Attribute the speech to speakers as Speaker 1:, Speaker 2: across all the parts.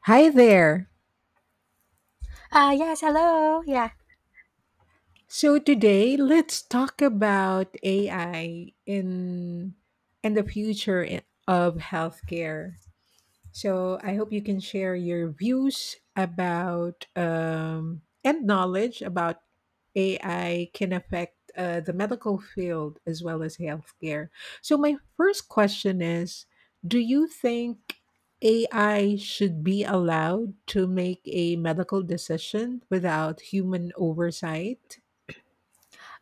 Speaker 1: Hi there.
Speaker 2: Yes, Hello. Yeah.
Speaker 1: So today let's talk about AI in and the of healthcare. So I hope you can share your views about and knowledge about AI can affect the medical field as well as healthcare. So my first question is, do you think AI should be allowed to make a medical decision without human oversight?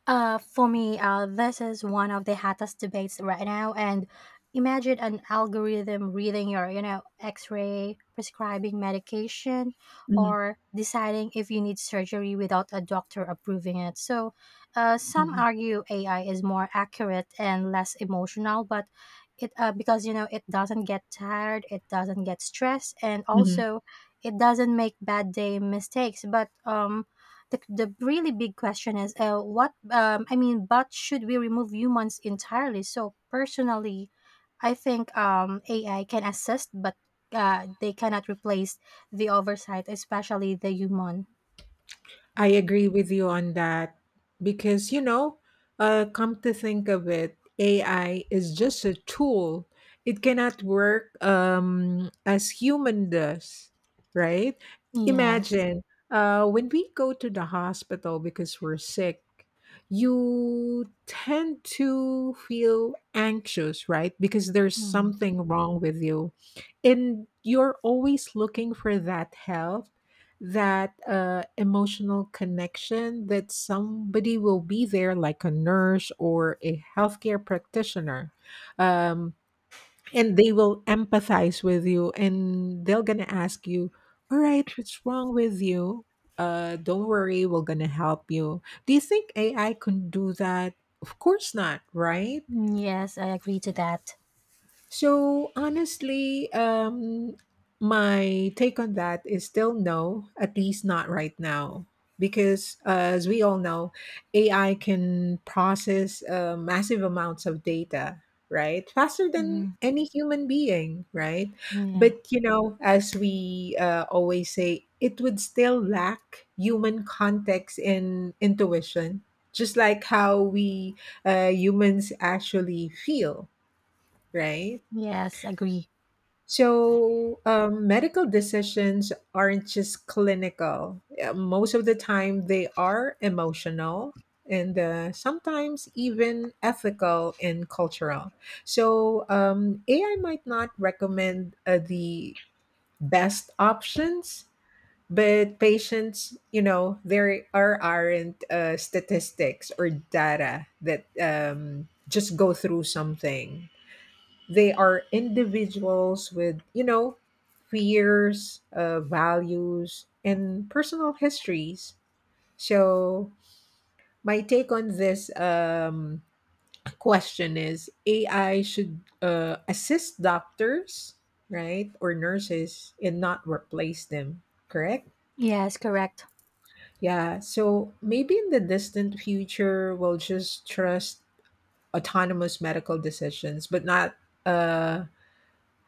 Speaker 2: For me, this is one of the hottest debates right now. And imagine an algorithm reading your, x ray, prescribing medication,
Speaker 1: Mhm.
Speaker 2: or deciding if you need surgery without a doctor approving it. So, some
Speaker 1: Mhm.
Speaker 2: argue AI is more accurate and less emotional, but because, it doesn't get tired, it doesn't get stressed, and
Speaker 1: Mhm.
Speaker 2: also it doesn't make bad day mistakes. But, the really big question is what I mean but should we remove humans entirely? So personally I think AI can assist, but they cannot replace the oversight, especially the human.
Speaker 1: I agree with you on that because, you know, come to think of it, AI is just a tool. It cannot work as human does, right?
Speaker 2: Yes.
Speaker 1: Imagine when we go to the hospital because we're sick, you tend to feel anxious, right? Because there's
Speaker 2: Mm.
Speaker 1: something wrong with you. And you're always looking for that help that emotional connection that somebody will be there like a nurse or a healthcare practitioner, um, and they will empathize with you, and they're gonna ask you, all right, what's wrong with you, don't worry, we're gonna help you. Do you think AI can do that? Of course not, right?
Speaker 2: Yes, I agree to that.
Speaker 1: So honestly, my take on that is still no, at least not right now. Because as we all know, AI can process massive amounts of data, right? Faster than
Speaker 2: Mm.
Speaker 1: any human being, right?
Speaker 2: Yeah.
Speaker 1: But, you know, as we always say, it would still lack human context and intuition, just like how we humans actually feel, right?
Speaker 2: Yes, agree.
Speaker 1: So, medical decisions aren't just clinical. Most of the time, they are emotional, and sometimes even ethical and cultural. So, AI might not recommend the best options, but patients, you know, there are aren't statistics or data that just go through something. They are individuals with, you know, fears, values, and personal histories. So my take on this, question is, AI should assist doctors, right, or nurses, and not replace them, correct?
Speaker 2: Yes, correct.
Speaker 1: Yeah. So maybe in the distant future we'll just trust autonomous medical decisions, but not uh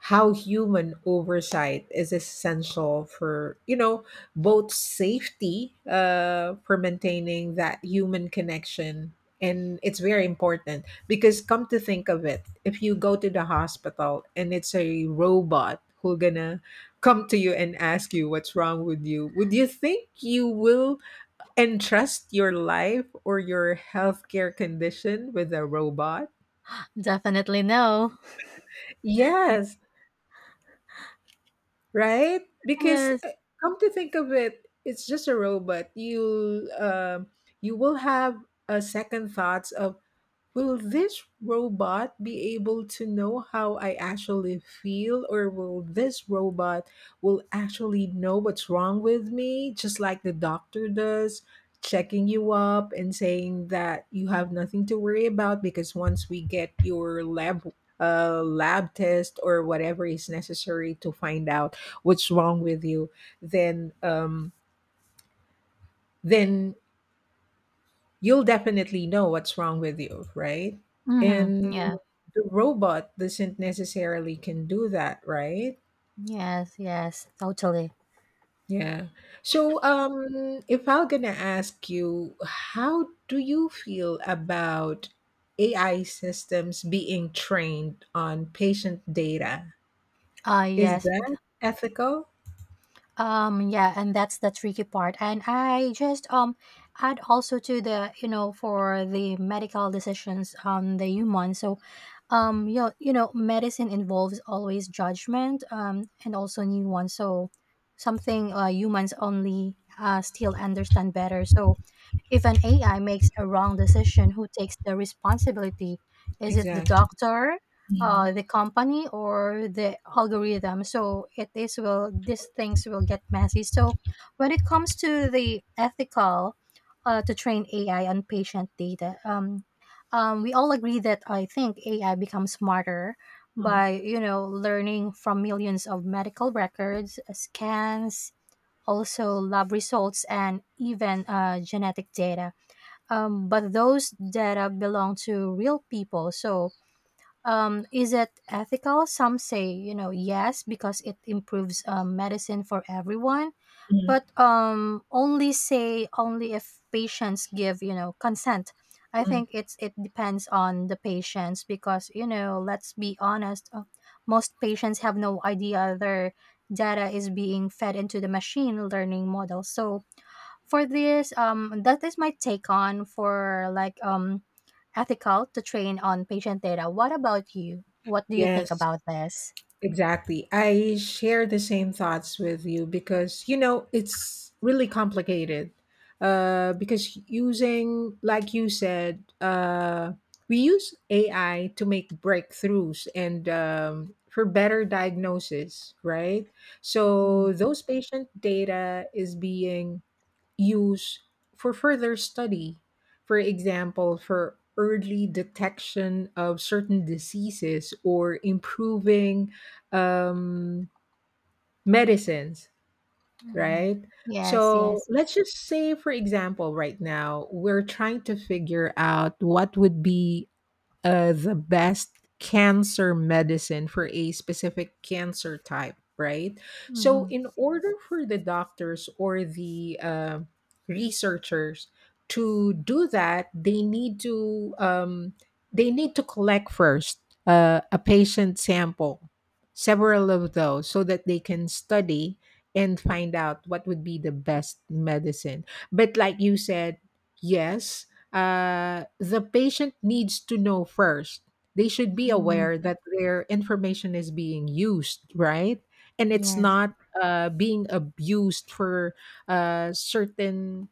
Speaker 1: how human oversight is essential for, you know, both safety, for maintaining that human connection. And it's very important because, come to think of it, if you go to the hospital and it's a robot who gonna come to you and ask you what's wrong with you, would you think you will entrust your life or your healthcare condition with a robot?
Speaker 2: Definitely no.
Speaker 1: Yes. Right? Because
Speaker 2: Yes.
Speaker 1: come to think of it, it's just a robot. You you will have a second thoughts of, will this robot be able to know how I actually feel? Or will this robot will actually know what's wrong with me just like the doctor does, checking you up and saying that you have nothing to worry about? Because once we get your lab test or whatever is necessary to find out what's wrong with you, then um then you'll definitely know what's wrong with you, right?
Speaker 2: Hmm,
Speaker 1: And
Speaker 2: yeah.
Speaker 1: the robot doesn't necessarily can do that, right?
Speaker 2: Yes, yes, totally.
Speaker 1: Yeah. So, if I'm gonna ask you, how do you feel about AI systems being trained on patient data?
Speaker 2: Ah,
Speaker 1: Is
Speaker 2: yes.
Speaker 1: that ethical?
Speaker 2: Yeah, and that's the tricky part. And I just add also to the, you know, for the medical decisions on the human. So, you know, medicine involves always judgment, and also new ones. So, something humans only still understand better. So, if an AI makes a wrong decision, who takes the responsibility? Is it the
Speaker 1: Exactly.
Speaker 2: doctor,
Speaker 1: Mhm.
Speaker 2: the company, or the algorithm? So it is will these things will get messy. So when it comes to the ethical, to train AI on patient data, we all agree that I think AI becomes smarter
Speaker 1: Mhm.
Speaker 2: by, you know, learning from millions of medical records, scans, also lab results, and even genetic data. But those data belong to real people. So, is it ethical? Some say, you know, yes, because it improves medicine for everyone,
Speaker 1: Mhm.
Speaker 2: but only say only if patients give, you know, consent. i think
Speaker 1: Mhm.
Speaker 2: it's it depends on the patients because, you know, let's be honest, most patients have no idea their data is being fed into the machine learning model. So for this that is my take on, for like, ethical to train on patient data. What about you? What do you think
Speaker 1: Yes.
Speaker 2: about this?
Speaker 1: Exactly. I share the same thoughts with you because, you know, it's really complicated. Because using, like you said, we use AI to make breakthroughs and, for better diagnosis, right? So those patient data is being use for further study. For example, for early detection of certain diseases or improving um, medicines,
Speaker 2: Mm-hmm.
Speaker 1: right?
Speaker 2: Yes,
Speaker 1: So
Speaker 2: yes.
Speaker 1: let's just say, for example, right now, we're trying to figure out what would be the best cancer medicine for a specific cancer type, right? So,
Speaker 2: Mm-hmm.
Speaker 1: in order for the doctors or the researchers to do that, they need to collect first a patient sample, several of those, so that they can study and find out what would be the best medicine. But like you said, yes, the patient needs to know first. They should be
Speaker 2: Mm-hmm.
Speaker 1: aware that their information is being used, right? And it's
Speaker 2: Yeah.
Speaker 1: not being abused for certain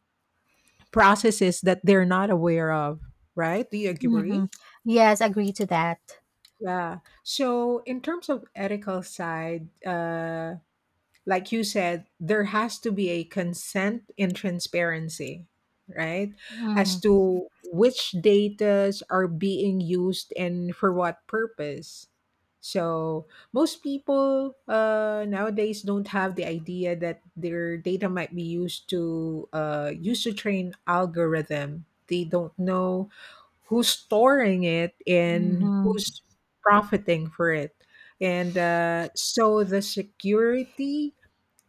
Speaker 1: processes that they're not aware of, right? Do you
Speaker 2: Mhm.
Speaker 1: agree?
Speaker 2: Yes, agree to that.
Speaker 1: Yeah. So, in terms of ethical side, like you said, there has to be a consent and transparency, right? As
Speaker 2: Mhm.
Speaker 1: to which datas are being used and for what purpose. So most people nowadays don't have the idea that their data might be used to train algorithm. They don't know who's storing it and
Speaker 2: Mhm.
Speaker 1: who's profiting for it. And so the security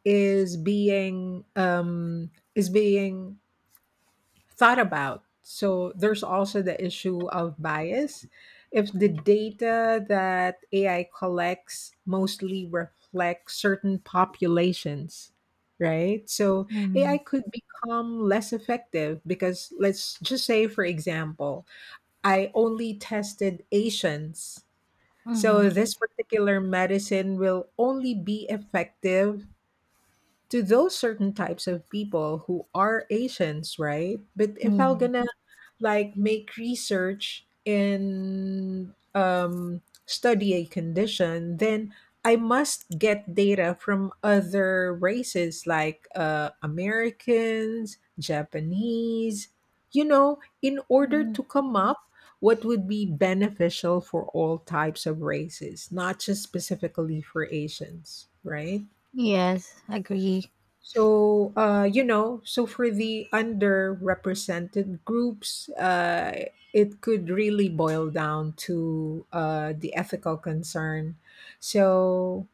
Speaker 1: is being thought about. So there's also the issue of bias. If the data that AI collects mostly reflects certain populations, right? So AI
Speaker 2: Mhm.
Speaker 1: could become less effective because, let's just say, for example, I only tested Asians. So
Speaker 2: Mhm.
Speaker 1: this particular medicine will only be effective to those certain types of people who are Asians, right? But if I'm
Speaker 2: Yeah.
Speaker 1: gonna like make research and, study a condition, then I must get data from other races like Americans, Japanese, you know, in order
Speaker 2: Mm.
Speaker 1: to come up what would be beneficial for all types of races, not just specifically for Asians, right?
Speaker 2: Yes, agree.
Speaker 1: So, you know, so for the underrepresented groups, it could really boil down to the ethical concern. So,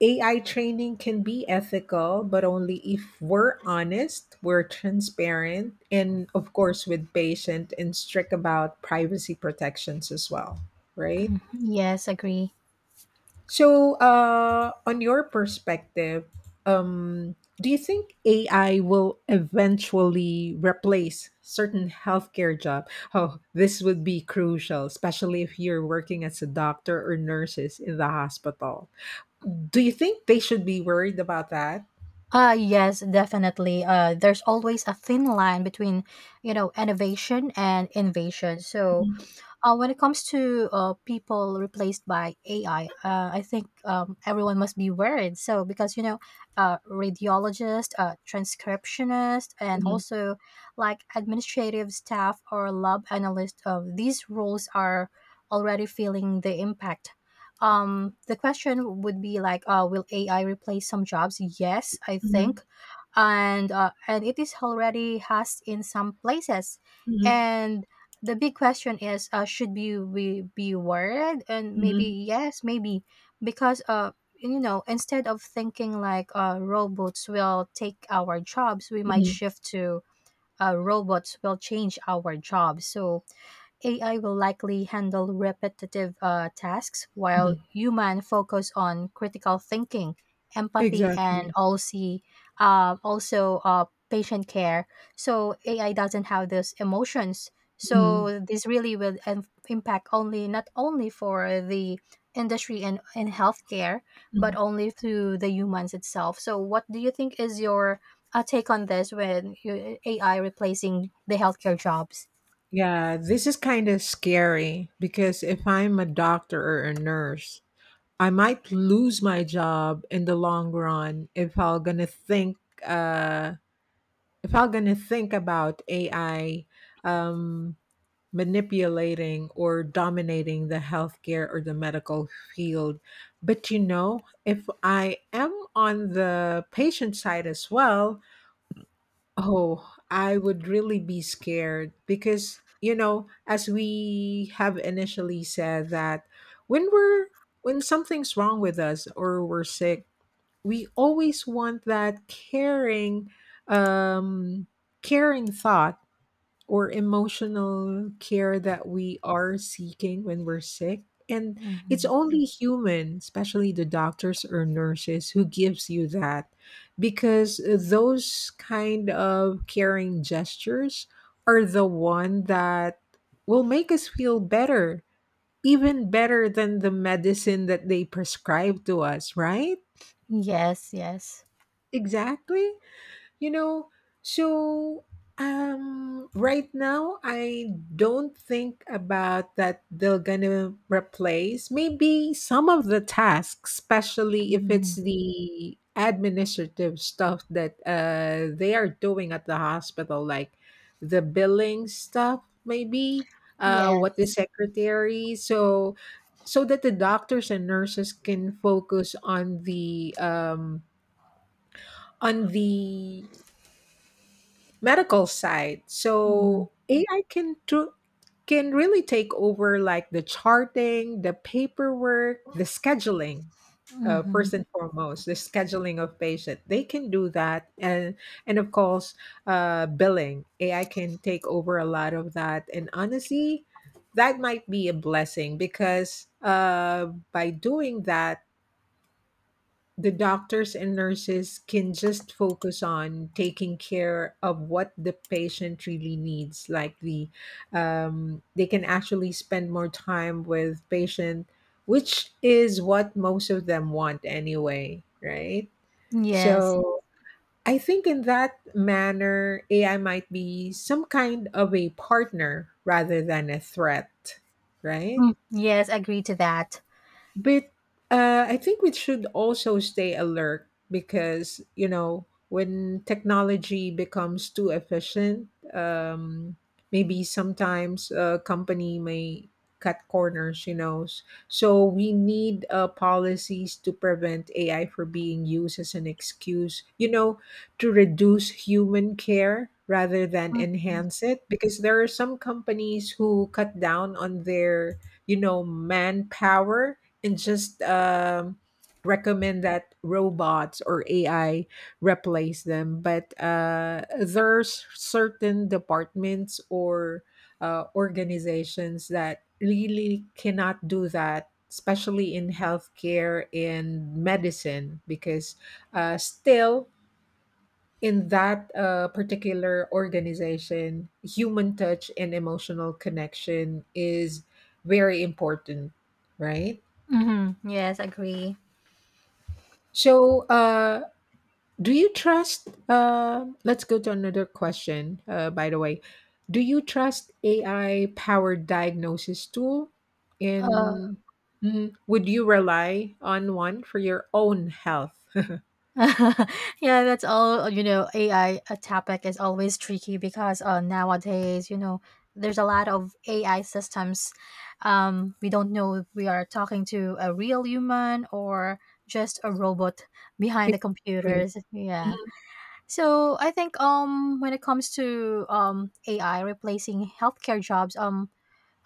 Speaker 1: AI training can be ethical, but only if we're honest, we're transparent, and of course, with patient and strict about privacy protections as well, right?
Speaker 2: Yes, agree.
Speaker 1: So, on your perspective, do you think AI will eventually replace certain healthcare job? Oh, this would be crucial, especially if you're working as a doctor or nurses in the hospital. Do you think they should be worried about that?
Speaker 2: Yes, definitely. There's always a thin line between, you know, innovation and invasion. So
Speaker 1: Mhm.
Speaker 2: When it comes to people replaced by AI, I think everyone must be worried. So, because, you know, radiologist, transcriptionist, and
Speaker 1: Mhm.
Speaker 2: also like administrative staff or lab analyst, these roles are already feeling the impact. The question would be like, will AI replace some jobs? Yes, I
Speaker 1: Mhm.
Speaker 2: think. And it is already has in some places.
Speaker 1: Mhm.
Speaker 2: And the big question is, should be we be worried? And maybe
Speaker 1: Mhm.
Speaker 2: yes, maybe, because you know, instead of thinking like robots will take our jobs, we might
Speaker 1: Mhm.
Speaker 2: shift to robots will change our jobs. So AI will likely handle repetitive tasks while
Speaker 1: Mhm.
Speaker 2: human focus on critical thinking, empathy, and
Speaker 1: Exactly.
Speaker 2: also uh, also uh, patient care. So AI doesn't have those emotions. So
Speaker 1: Mhm.
Speaker 2: this really will impact only not only for the industry and in healthcare, but
Speaker 1: Mhm.
Speaker 2: only through the humans itself. So what do you think is your take on this when you, AI replacing the healthcare jobs?
Speaker 1: Yeah, this is kind of scary because if I'm a doctor or a nurse, I might lose my job in the long run if I'm gonna think uh, about AI um, manipulating or dominating the healthcare or the medical field. But you know, if I am on the patient side as well, oh, I would really be scared because, you know, as we have initially said that when we're when something's wrong with us or we're sick, we always want that um caring thought or emotional care that we are seeking when we're sick. And it's
Speaker 2: Mhm.
Speaker 1: only human, especially the doctors or nurses, who gives you that because those kind of caring gestures are the one that will make us feel better, even better than the medicine that they prescribe to us, right?
Speaker 2: Yes, yes.
Speaker 1: Exactly. You know, so right now I don't think about that they're gonna replace maybe some of the tasks, especially if it's
Speaker 2: Mhm.
Speaker 1: the administrative stuff that they are doing at the hospital, like the billing stuff, maybe, what the
Speaker 2: Yes.
Speaker 1: secretary. So that the doctors and nurses can focus on the on the medical side.
Speaker 2: Mhm.
Speaker 1: So can really take over like the charting, the paperwork, the scheduling.
Speaker 2: Mhm.
Speaker 1: First and foremost, the scheduling of patient. They can do that, and of course, billing. AI can take over a lot of that. And honestly, that might be a blessing because, by doing that, the doctors and nurses can just focus on taking care of what the patient really needs, like the they can actually spend more time with patient, which is what most of them want anyway, right?
Speaker 2: Yes.
Speaker 1: So I think in that manner, AI might be some kind of a partner rather than a threat, right?
Speaker 2: Mm. Yes, agree to that.
Speaker 1: But I think we should also stay alert because, you know, when technology becomes too efficient, um, maybe sometimes a company may cut corners, you know. So we need policies to prevent AI from being used as an excuse, you know, to reduce human care rather than
Speaker 2: Mhm.
Speaker 1: enhance it, because there are some companies who cut down on their, you know, manpower and just recommend that robots or AI replace them. But there's certain departments or organizations that really cannot do that, especially in healthcare and medicine, because still in that particular organization, human touch and emotional connection is very important, right?
Speaker 2: Mhm. Yes, agree.
Speaker 1: So, do you trust? Let's go to another question. By the way, do you trust AI powered diagnosis tool?
Speaker 2: Uh,
Speaker 1: In Mhm. Would you rely on one for your own health?
Speaker 2: yeah, that's all. You know, AI a topic is always tricky because, nowadays, you know, there's a lot of AI systems. We don't know if we are talking to a real human or just a robot behind the
Speaker 1: Exactly.
Speaker 2: computers. Yeah.
Speaker 1: Mhm.
Speaker 2: So I think when it comes to AI replacing healthcare jobs, um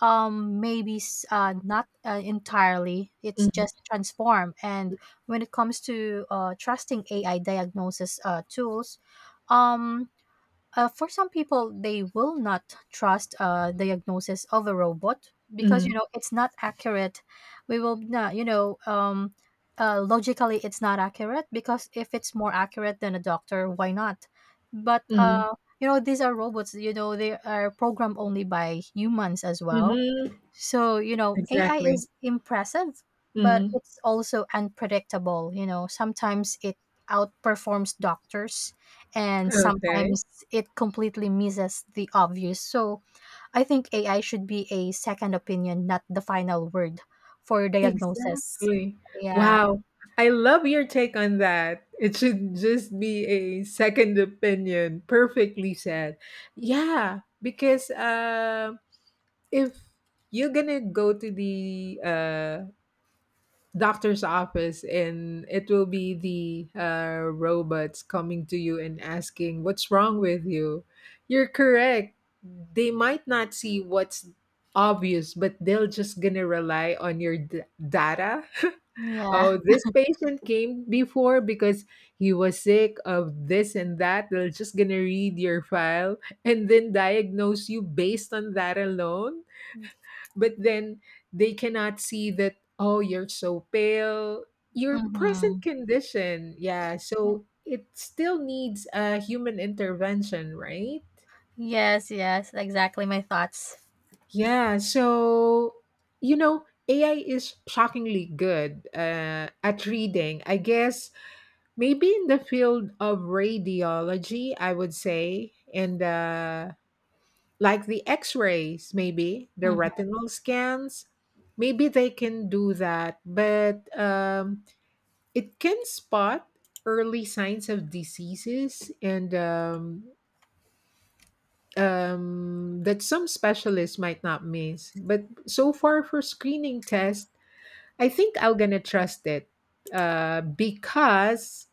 Speaker 2: um maybe not entirely, it's
Speaker 1: Mhm.
Speaker 2: just transform. And when it comes to trusting AI diagnosis tools, um for some people, they will not trust diagnosis of a robot because, you
Speaker 1: Mhm.
Speaker 2: know, it's not accurate. We will not, logically it's not accurate, because if it's more accurate than a doctor, why not? But
Speaker 1: Mhm.
Speaker 2: you know, these are robots. You know, they are programmed only by humans as well.
Speaker 1: Mhm.
Speaker 2: So, you know, AI
Speaker 1: Exactly.
Speaker 2: is impressive, but
Speaker 1: Mhm.
Speaker 2: it's also unpredictable. You know, sometimes it outperforms doctors and
Speaker 1: Okay.
Speaker 2: sometimes it completely misses the obvious. So, I think AI should be a second opinion, not the final word for diagnosis.
Speaker 1: Exactly.
Speaker 2: Yeah.
Speaker 1: Wow. I love your take on that. It should just be a second opinion. Perfectly said. Yeah, because if you're gonna go to the doctor's office and it will be the robots coming to you and asking what's wrong with you, you're correct. They might not see what's obvious, but they'll just gonna rely on your data.
Speaker 2: Yeah.
Speaker 1: Oh, this patient came before because he was sick of this and that. They're just going to read your file and then diagnose you based on that alone. But then they cannot see that, oh, you're so pale, your present
Speaker 2: Mhm.
Speaker 1: condition. Yeah. So it still needs a human intervention, right?
Speaker 2: Yes, yes, exactly my thoughts.
Speaker 1: Yeah. So, AI is shockingly good at reading. I guess maybe in the field of radiology, I would say, and the like the X-rays, maybe the
Speaker 2: Mhm.
Speaker 1: retinal scans, maybe they can do that. But it can spot early signs of diseases, and that some specialists might not miss. But so far for screening tests, I think I'm gonna trust it because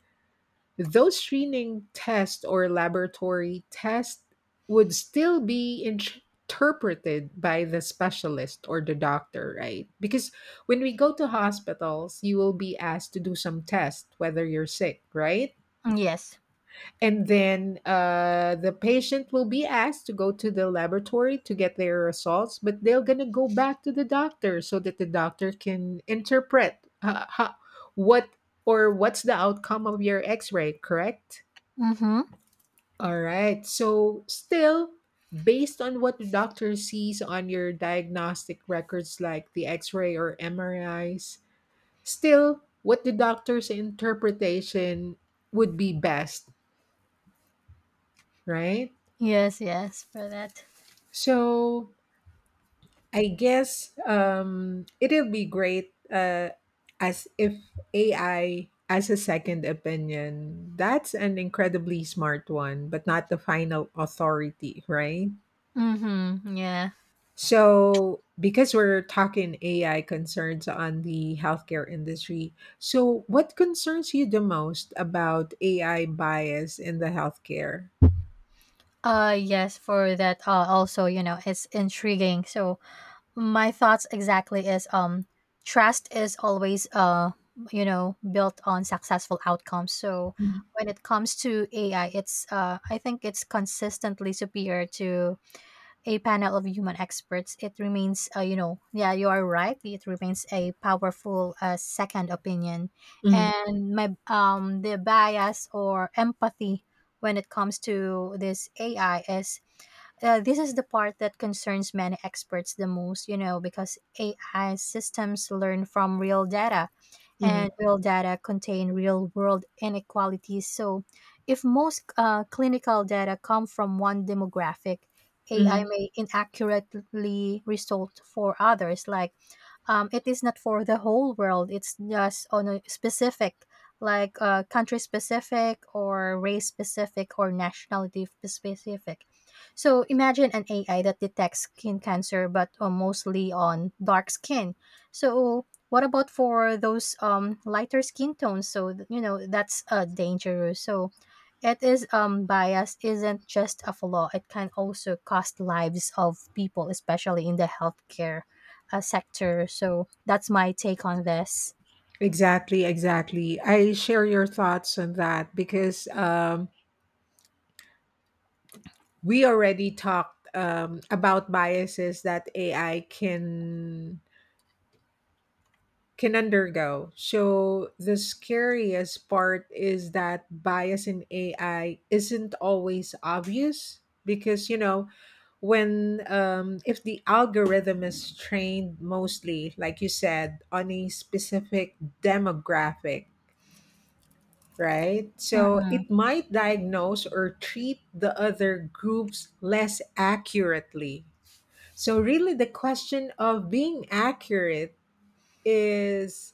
Speaker 1: those screening tests or laboratory tests would still be interpreted by the specialist or the doctor, right? Because when we go to hospitals, you will be asked to do some test whether you're sick, right?
Speaker 2: Yes.
Speaker 1: And then the patient will be asked to go to the laboratory to get their results, but they're going to go back to the doctor so that the doctor can interpret what or what's the outcome of your x-ray, correct?
Speaker 2: Mhm.
Speaker 1: All right. So, still, based on what the doctor sees on your diagnostic records like the x ray or MRIs, still, what the doctor's interpretation would be best, right?
Speaker 2: Yes, yes, for that.
Speaker 1: So, I guess it'll be great as if AI as a second opinion. That's an incredibly smart one, but not the final authority, right?
Speaker 2: Mhm. Yeah.
Speaker 1: So, because we're talking AI concerns on the healthcare industry, so what concerns you the most about AI bias in the healthcare?
Speaker 2: Yes, for that also, you know, it's intriguing. So my thoughts exactly is, trust is always, you know, built on successful outcomes. So when it comes to AI, it's I think it's consistently superior to a panel of human experts. It remains, you know, yeah, you are right. It remains a powerful, second opinion.
Speaker 1: Mm,
Speaker 2: And my the bias or empathy when it comes to this AI is, this is the part that concerns many experts the most, you know, because AI systems learn from real data,
Speaker 1: mm,
Speaker 2: and real data contain real world inequalities. So, if most clinical data come from one demographic, AI
Speaker 1: mm.
Speaker 2: may inaccurately result for others. Like, it is not for the whole world, it's just on a specific, like, country specific, or race specific, or nationality specific. So, imagine an AI that detects skin cancer but, mostly on dark skin. So, what about for those lighter skin tones? You know that's, dangerous. So it is bias isn't just a flaw. It can also cost lives of people, especially in the healthcare sector. So that's my take on this.
Speaker 1: Exactly, exactly. I share your thoughts on that because we already talked about biases that AI can undergo. So the scariest part is that bias in AI isn't always obvious because you know when if the algorithm is trained mostly, like you said, on a specific demographic, right? So
Speaker 2: Mm-hmm.
Speaker 1: it might diagnose or treat the other groups less accurately. So really, the question of being accurate is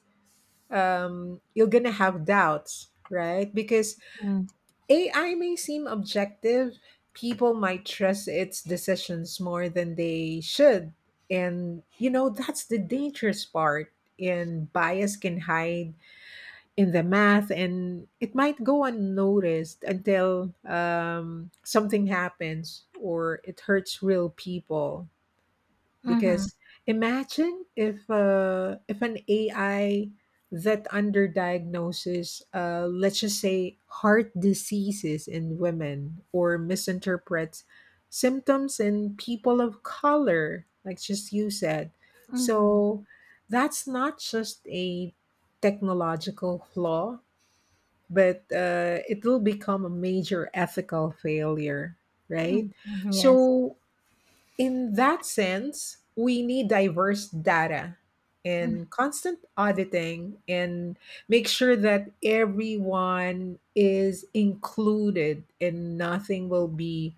Speaker 1: you're gonna have doubts, right? Because
Speaker 2: Mm-hmm.
Speaker 1: AI may seem objective, people might trust its decisions more than they should, and you know that's the dangerous part. And bias can hide in the math, and it might go unnoticed until something happens or it hurts real people. Because imagine if an AI that underdiagnoses, let's just say, heart diseases in women or misinterprets symptoms in people of color, like just you said.
Speaker 2: Mm-hmm.
Speaker 1: So that's not just a technological flaw, but it will become a major ethical failure, right?
Speaker 2: Mm-hmm. Yes.
Speaker 1: So in that sense, we need diverse data and constant auditing and make sure that everyone is included and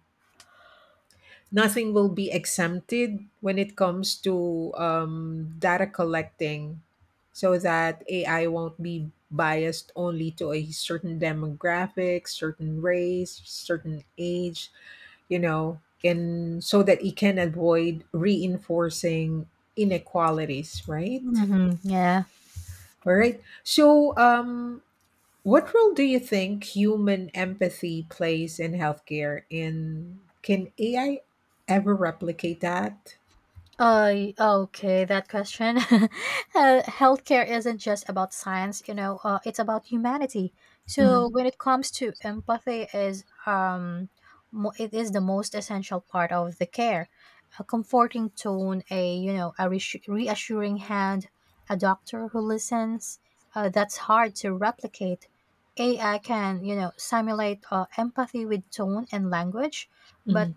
Speaker 1: nothing will be exempted when it comes to data collecting so that AI won't be biased only to a certain demographic, certain race, certain age, you know, and so that it can avoid reinforcing inequalities, right?
Speaker 2: Mm-hmm. Yeah.
Speaker 1: All right. So, what role do you think human empathy plays in healthcare? And can AI ever replicate that?
Speaker 2: Okay, that question. Healthcare isn't just about science, you know, it's about humanity.
Speaker 1: Mm,
Speaker 2: So when it comes to empathy is, it is the most essential part of the care. A comforting tone, a, you know, a reassuring hand, a doctor who listens, that's hard to replicate. AI can, you know, simulate empathy with tone and language, but
Speaker 1: mhm,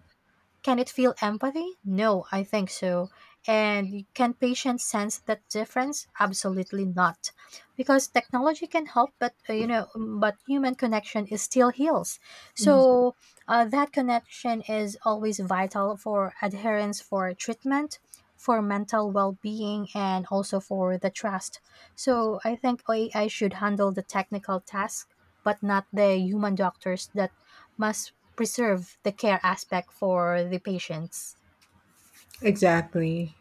Speaker 2: can it feel empathy? No, I think so. Can patients sense that difference? Absolutely not. Because technology can help, but but human connection is still heals.
Speaker 1: mhm.
Speaker 2: So that connection is always vital for adherence, for treatment, for mental well-being, and also for the trust. So I think AI should handle the technical task, but not the human doctors that must preserve the care aspect for the patients.
Speaker 1: Exactly.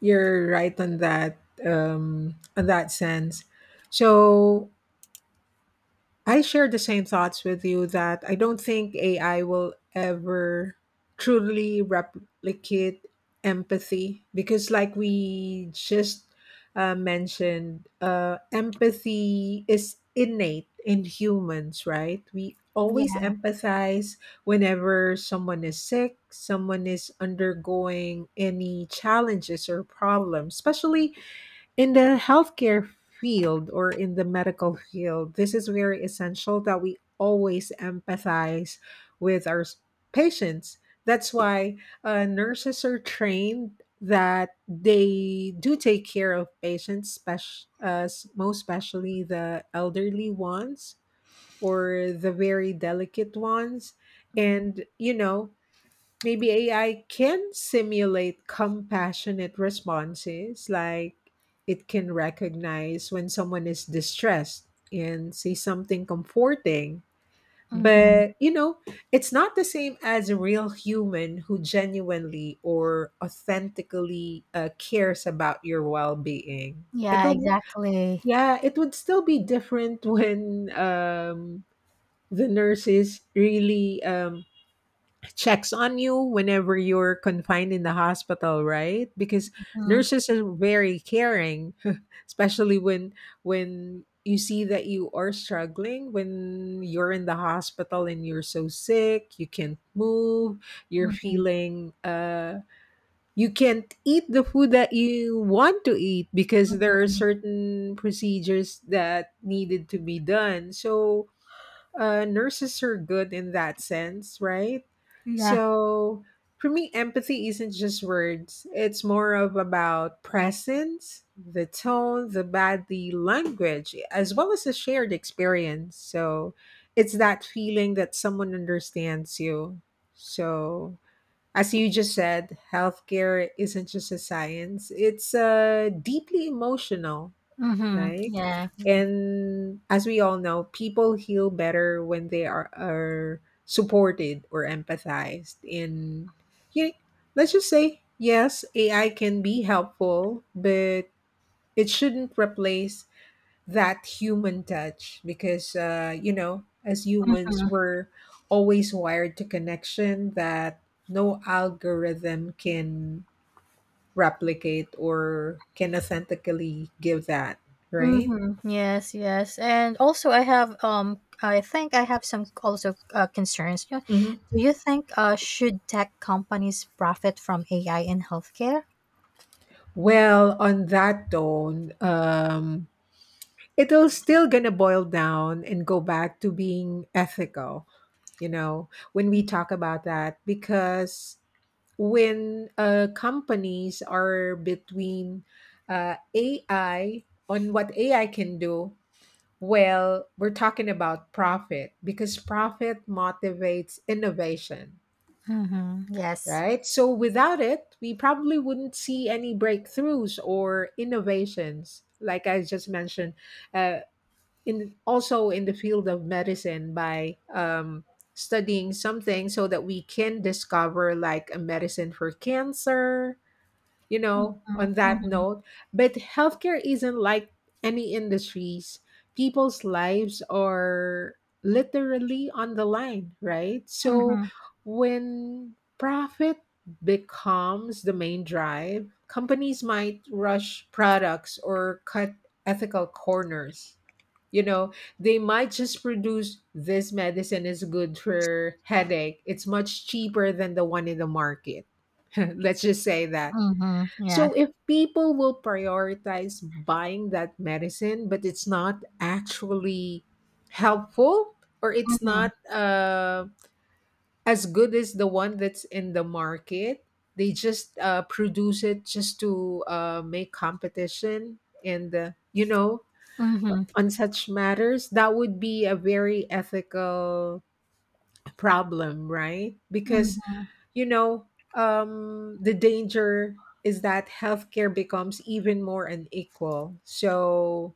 Speaker 1: You're right on that sense. So I share the same thoughts with you that I don't think AI will ever truly replicate empathy because, empathy is innate in humans, right? We always
Speaker 2: Yeah.
Speaker 1: empathize whenever someone is sick, someone is undergoing any challenges or problems, especially in the healthcare field or in the medical field. This is very essential that we always empathize with our patients. That's why nurses are trained that they do take care of patients, most especially the elderly ones or the very delicate ones. And, you know, maybe AI can simulate compassionate responses, like it can recognize when someone is distressed and say something comforting.
Speaker 2: Mm-hmm.
Speaker 1: But, you know, it's not the same as a real human who genuinely or authentically cares about your well being.
Speaker 2: Yeah, exactly.
Speaker 1: It would still be different when the nurse is really checks on you whenever you're confined in the hospital, right? Because
Speaker 2: Mm-hmm.
Speaker 1: nurses are very caring especially when you see that you are struggling when you're in the hospital and you're so sick you can't move, you're
Speaker 2: Mm-hmm.
Speaker 1: feeling. You can't eat the food that you want to eat because there are
Speaker 2: Mm-hmm.
Speaker 1: certain procedures that needed to be done, so nurses are good in that sense, right?
Speaker 2: Yeah.
Speaker 1: So for me, empathy isn't just words. It's more of about presence, the tone, the body language, as well as a shared experience. So it's that feeling that someone understands you. So as you just said, healthcare isn't just a science. It's deeply emotional,
Speaker 2: Mm-hmm.
Speaker 1: right?
Speaker 2: Yeah.
Speaker 1: And as we all know, people heal better when they are supported or empathized. And you, let's just say, yes, AI can be helpful, but it shouldn't replace that human touch because, you know, as humans,
Speaker 2: Mm-hmm.
Speaker 1: we're always wired to connection that no algorithm can replicate or can authentically give that, right?
Speaker 2: Mm-hmm. Yes, yes. And also I have I think I have some also concerns. Do
Speaker 1: Mhm.
Speaker 2: you think should tech companies profit from AI in healthcare?
Speaker 1: Well, on that tone, it'll still gonna boil down and go back to being ethical, you know, when we talk about that, because when companies are between AI on what AI can do, well, we're talking about profit because profit motivates innovation,
Speaker 2: Mm-hmm. Yes.
Speaker 1: right? So without it, we probably wouldn't see any breakthroughs or innovations, like I just mentioned. Uh, in also in the field of medicine, by studying something so that we can discover like a medicine for cancer, you know, on that
Speaker 2: Mm-hmm.
Speaker 1: note. But healthcare isn't like any industries. People's lives are literally on the line, right? So
Speaker 2: Mm-hmm.
Speaker 1: when profit becomes the main drive, companies might rush products or cut ethical corners. You know, they might just produce this medicine is good for headache. It's much cheaper than the one in the market. Let's just say that,
Speaker 2: Mm-hmm. Yeah.
Speaker 1: so if people will prioritize buying that medicine, but it's not actually helpful or it's
Speaker 2: Mm-hmm.
Speaker 1: not as good as the one that's in the market, they just produce it just to make competition and you know
Speaker 2: Mm-hmm.
Speaker 1: on such matters that would be a very ethical problem, right? Because
Speaker 2: Mm-hmm.
Speaker 1: you know, the danger is that healthcare becomes even more unequal. So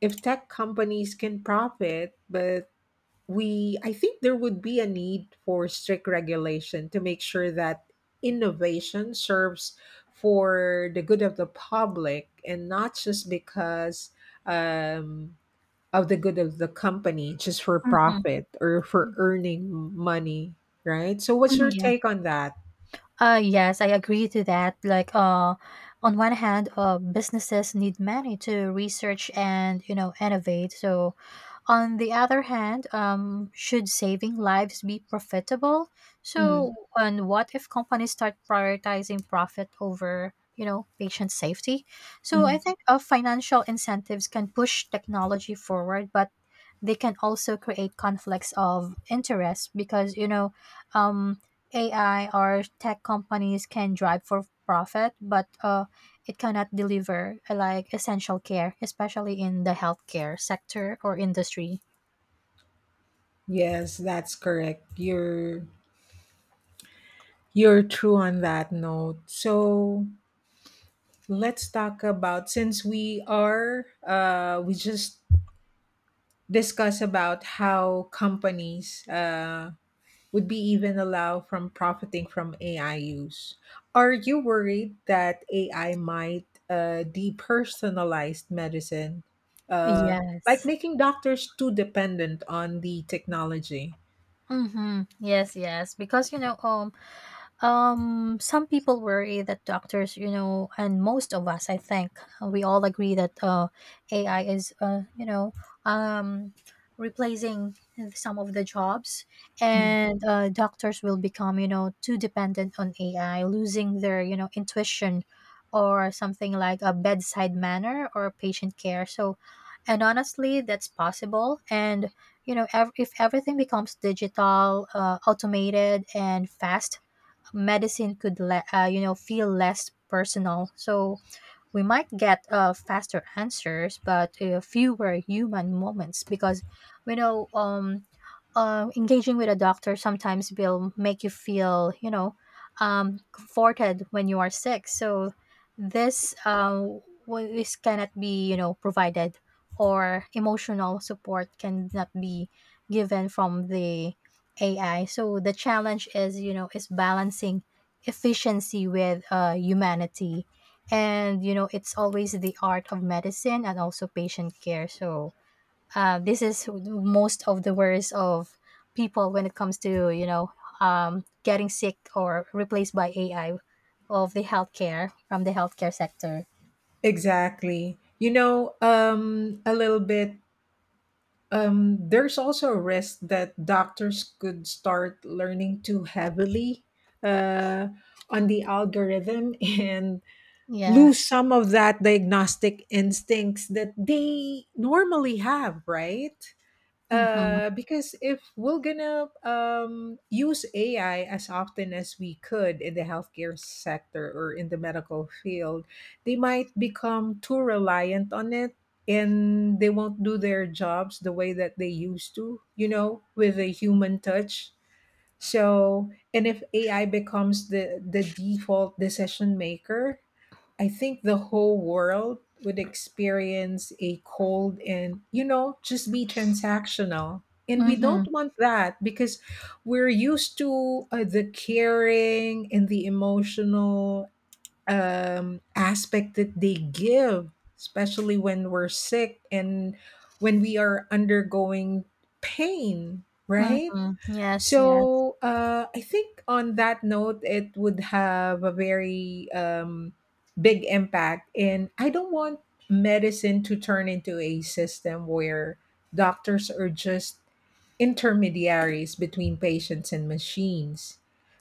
Speaker 1: if tech companies can profit, but we, I think there would be a need for strict regulation to make sure that innovation serves for the good of the public and not just because um, of the good of the company, just for
Speaker 2: Mm-hmm.
Speaker 1: profit or for earning money, right? So, what's
Speaker 2: Mm,
Speaker 1: your
Speaker 2: yeah.
Speaker 1: take on that?
Speaker 2: Yes, I agree to that. Like, on one hand, businesses need money to research and, you know, innovate. So, on the other hand, should saving lives be profitable?
Speaker 1: Mm.
Speaker 2: So, and what if companies start prioritizing profit over, you know, patient safety? So, I
Speaker 1: Mhm.
Speaker 2: think, financial incentives can push technology forward, but they can also create conflicts of interest because, you know, um, AI or tech companies can drive for profit, but it cannot deliver, like essential care, especially in the healthcare sector or industry.
Speaker 1: Yes, that's correct. You're true on that note. So let's talk about, since we are we just discuss about how companies would be even allow from profiting from AI use. Are you worried that AI might depersonalized medicine? Uh like
Speaker 2: Yes.
Speaker 1: making doctors too dependent on the technology.
Speaker 2: Mm-hmm. Yes, yes. Because, you know, some people worry that doctors, you know, and most of us, I think, we all agree that, AI is, um, replacing some of the jobs, and doctors will become, you know, too dependent on AI, losing their, you know, intuition or something like a bedside manner or patient care. So, and honestly, that's possible. And you know, if everything becomes digital, automated, and fast, medicine could you know, feel less personal. So we might get, faster answers, but fewer human moments because you know um, engaging with a doctor sometimes will make you feel, you know, comforted when you are sick. So this uh, this cannot be, you know, provided, or emotional support cannot be given from the AI. So the challenge is, you know, is balancing efficiency with, humanity, and you know it's always the art of medicine and also patient care. So this is most of the worries of people when it comes to, you know, getting sick or replaced by AI of the healthcare, from the healthcare sector.
Speaker 1: Exactly. You know, a little bit. There's also a risk that doctors could start learning too heavily uh, on the algorithm and
Speaker 2: Yeah.
Speaker 1: lose some of that diagnostic instincts that they normally have, right?
Speaker 2: Mm-hmm.
Speaker 1: Because if we're gonna use AI as often as we could in the healthcare sector or in the medical field, they might become too reliant on it and they won't do their jobs the way that they used to, you know, with a human touch. So, and if AI becomes the default decision maker, I think the whole world would experience a cold and, you know, just be transactional. And we
Speaker 2: Mm-hmm.
Speaker 1: don't want that because we're used to the caring and the emotional aspect that they give, especially when we're sick and when we are undergoing pain, right?
Speaker 2: Mm-hmm. Yes, yes.
Speaker 1: So I think on that note, it would have a very big impact. And I don't want medicine to turn into a system where doctors are just intermediaries between patients and machines.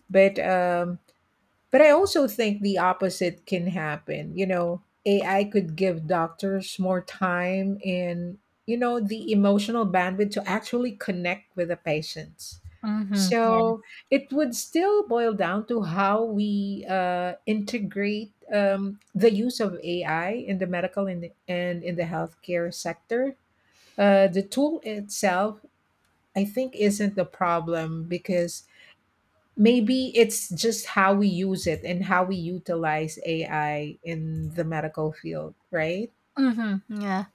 Speaker 1: But um, but I also think the opposite can happen. You know, AI could give doctors more time and, you know, the emotional bandwidth to actually connect with the patients.
Speaker 2: Mm-hmm. Yeah.
Speaker 1: So it would still boil down to how we integrate the use of AI in the medical and in the healthcare sector. The tool itself, I think, isn't the problem because maybe it's just how we use it and how we utilize AI in the medical field, right?
Speaker 2: Mm-hmm. Yeah.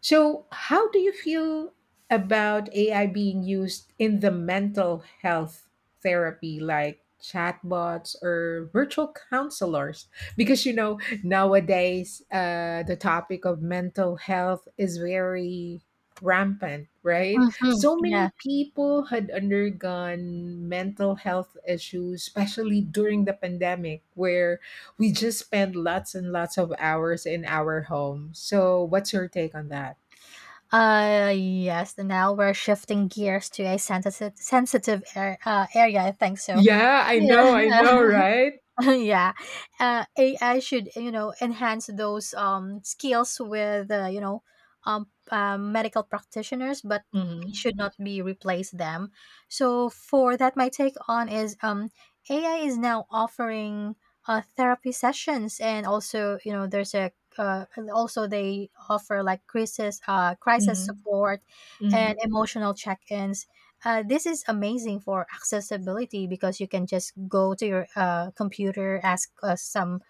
Speaker 1: So, how do you feel about AI being used in the mental health therapy, like chatbots or virtual counselors? Because, you know, nowadays the topic of mental health is very rampant, right?
Speaker 2: Mm-hmm.
Speaker 1: So many
Speaker 2: Yeah.
Speaker 1: people had undergone mental health issues, especially during the pandemic, where we just spend lots and lots of hours in our home. So, what's your take on that?
Speaker 2: Yes. And now we're shifting gears to a sensitive, sensitive area. I think so.
Speaker 1: Yeah,
Speaker 2: Yeah.
Speaker 1: I know, right?
Speaker 2: Yeah. AI should, you know, enhance those skills with, medical practitioners, but they
Speaker 1: Mhm,
Speaker 2: should not be replace them. So for that my take on is, AI is now offering therapy sessions, and also you know there's a, and also they offer like crisis
Speaker 1: mhm,
Speaker 2: support and
Speaker 1: mhm,
Speaker 2: emotional check-ins. This is amazing for accessibility, because you can just go to your, computer, ask, some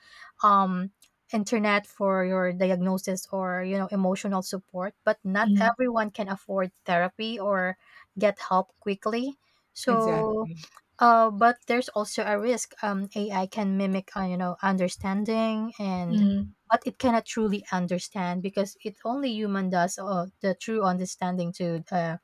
Speaker 2: um, internet for your diagnosis or, you know, emotional support. But not
Speaker 1: mhm,
Speaker 2: everyone can afford therapy or get help quickly. So,
Speaker 1: exactly.
Speaker 2: but there's also a risk. AI can mimic, you know, understanding, and
Speaker 1: Mhm,
Speaker 2: but it cannot truly understand because it only human does the true understanding to uh,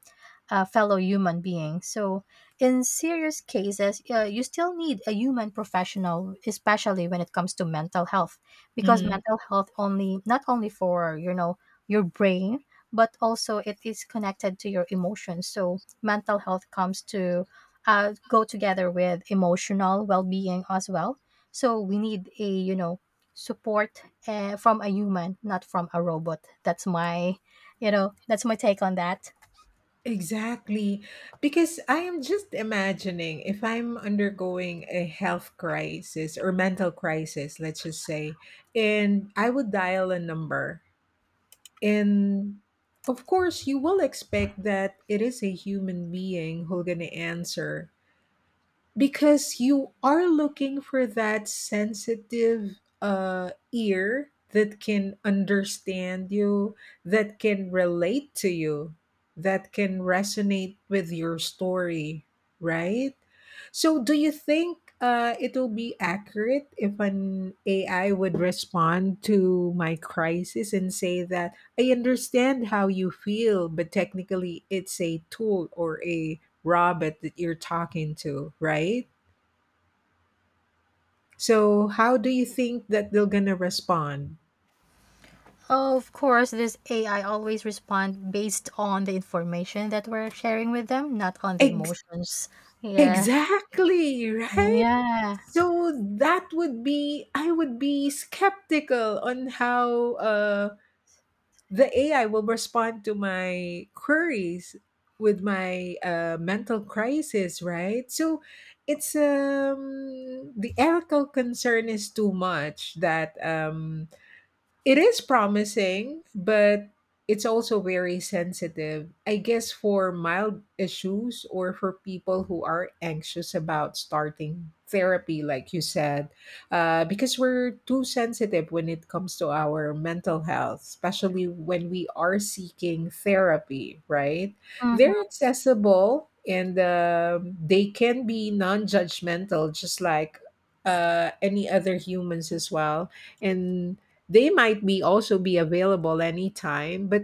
Speaker 2: uh, fellow human being. So, in serious cases, you still need a human professional, especially when it comes to mental health, because
Speaker 1: mhm.
Speaker 2: mental health only not only for, you know, your brain, but also it is connected to your emotions. So, mental health comes to go together with emotional well-being as well. So, we need a, you know, support, from a human, not from a robot. That's my take on that.
Speaker 1: Exactly. Because I am just imagining if I'm undergoing a health crisis or mental crisis, let's just say, and I would dial a number. And of course, you will expect that it is a human being who's going to answer because you are looking for that sensitive ear that can understand you, that can relate to you, that can resonate with your story, right? So, do you think it will be accurate if an AI would respond to my crisis and say that I understand how you feel, but technically it's a tool or a Robert that you're talking to, right? So how do you think that they're gonna respond?
Speaker 2: Of course, this AI always respond based on the information that we're sharing with them, not on the
Speaker 1: Ex-
Speaker 2: emotions. Yeah.
Speaker 1: exactly, right?
Speaker 2: Yeah.
Speaker 1: So that would be I would be skeptical on how the AI will respond to my queries with my mental crisis, right? So it's the ethical concern is too much that it is promising, but it's also very sensitive. I guess for mild issues or for people who are anxious about starting therapy, like you said, because we're too sensitive when it comes to our mental health, especially when we are seeking therapy, right? They're
Speaker 2: Mm-hmm.
Speaker 1: accessible and they can be non judgmental, just like any other humans as well. And they might be also be available anytime, but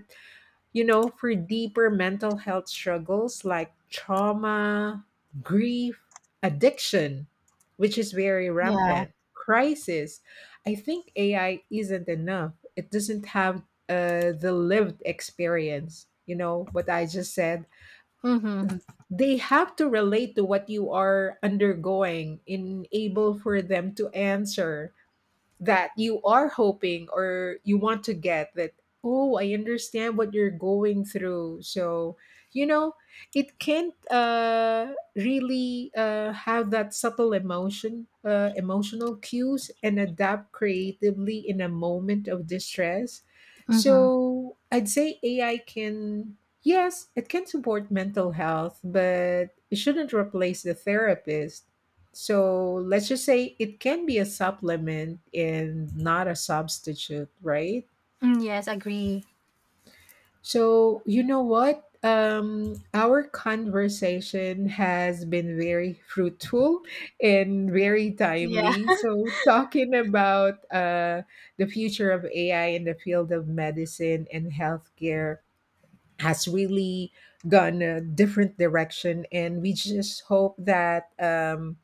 Speaker 1: you know, for deeper mental health struggles like trauma, grief, addiction, which is very
Speaker 2: Yeah.
Speaker 1: rampant, crisis, I think AI isn't enough. It doesn't have the lived experience, you know, what I just said.
Speaker 2: Mm-hmm.
Speaker 1: Th- They have to relate to what you are undergoing in able for them to answer that you are hoping or you want to get that oh I understand what you're going through. So you know it can't really have that subtle emotional cues and adapt creatively in a moment of distress.
Speaker 2: Mm-hmm.
Speaker 1: So I'd say AI can, yes, it can support mental health, but it shouldn't replace the therapist. So let's just say it can be a supplement and not a substitute, right?
Speaker 2: Mm, yes, agree.
Speaker 1: So you know what? Our conversation has been very fruitful and very
Speaker 2: Yeah.
Speaker 1: timely. So talking about the future of AI in the field of medicine and healthcare has really gone a different direction, and we just hope that.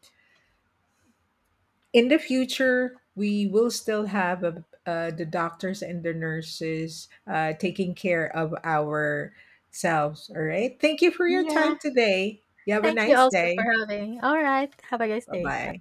Speaker 1: In the future, we will still have the doctors and the nurses taking care of ourselves. All right. Thank you for your time
Speaker 2: Yeah.
Speaker 1: today. You have a
Speaker 2: Thank you
Speaker 1: nice
Speaker 2: also for
Speaker 1: day.
Speaker 2: having. All right. Have a nice
Speaker 1: Bye
Speaker 2: day.
Speaker 1: bye.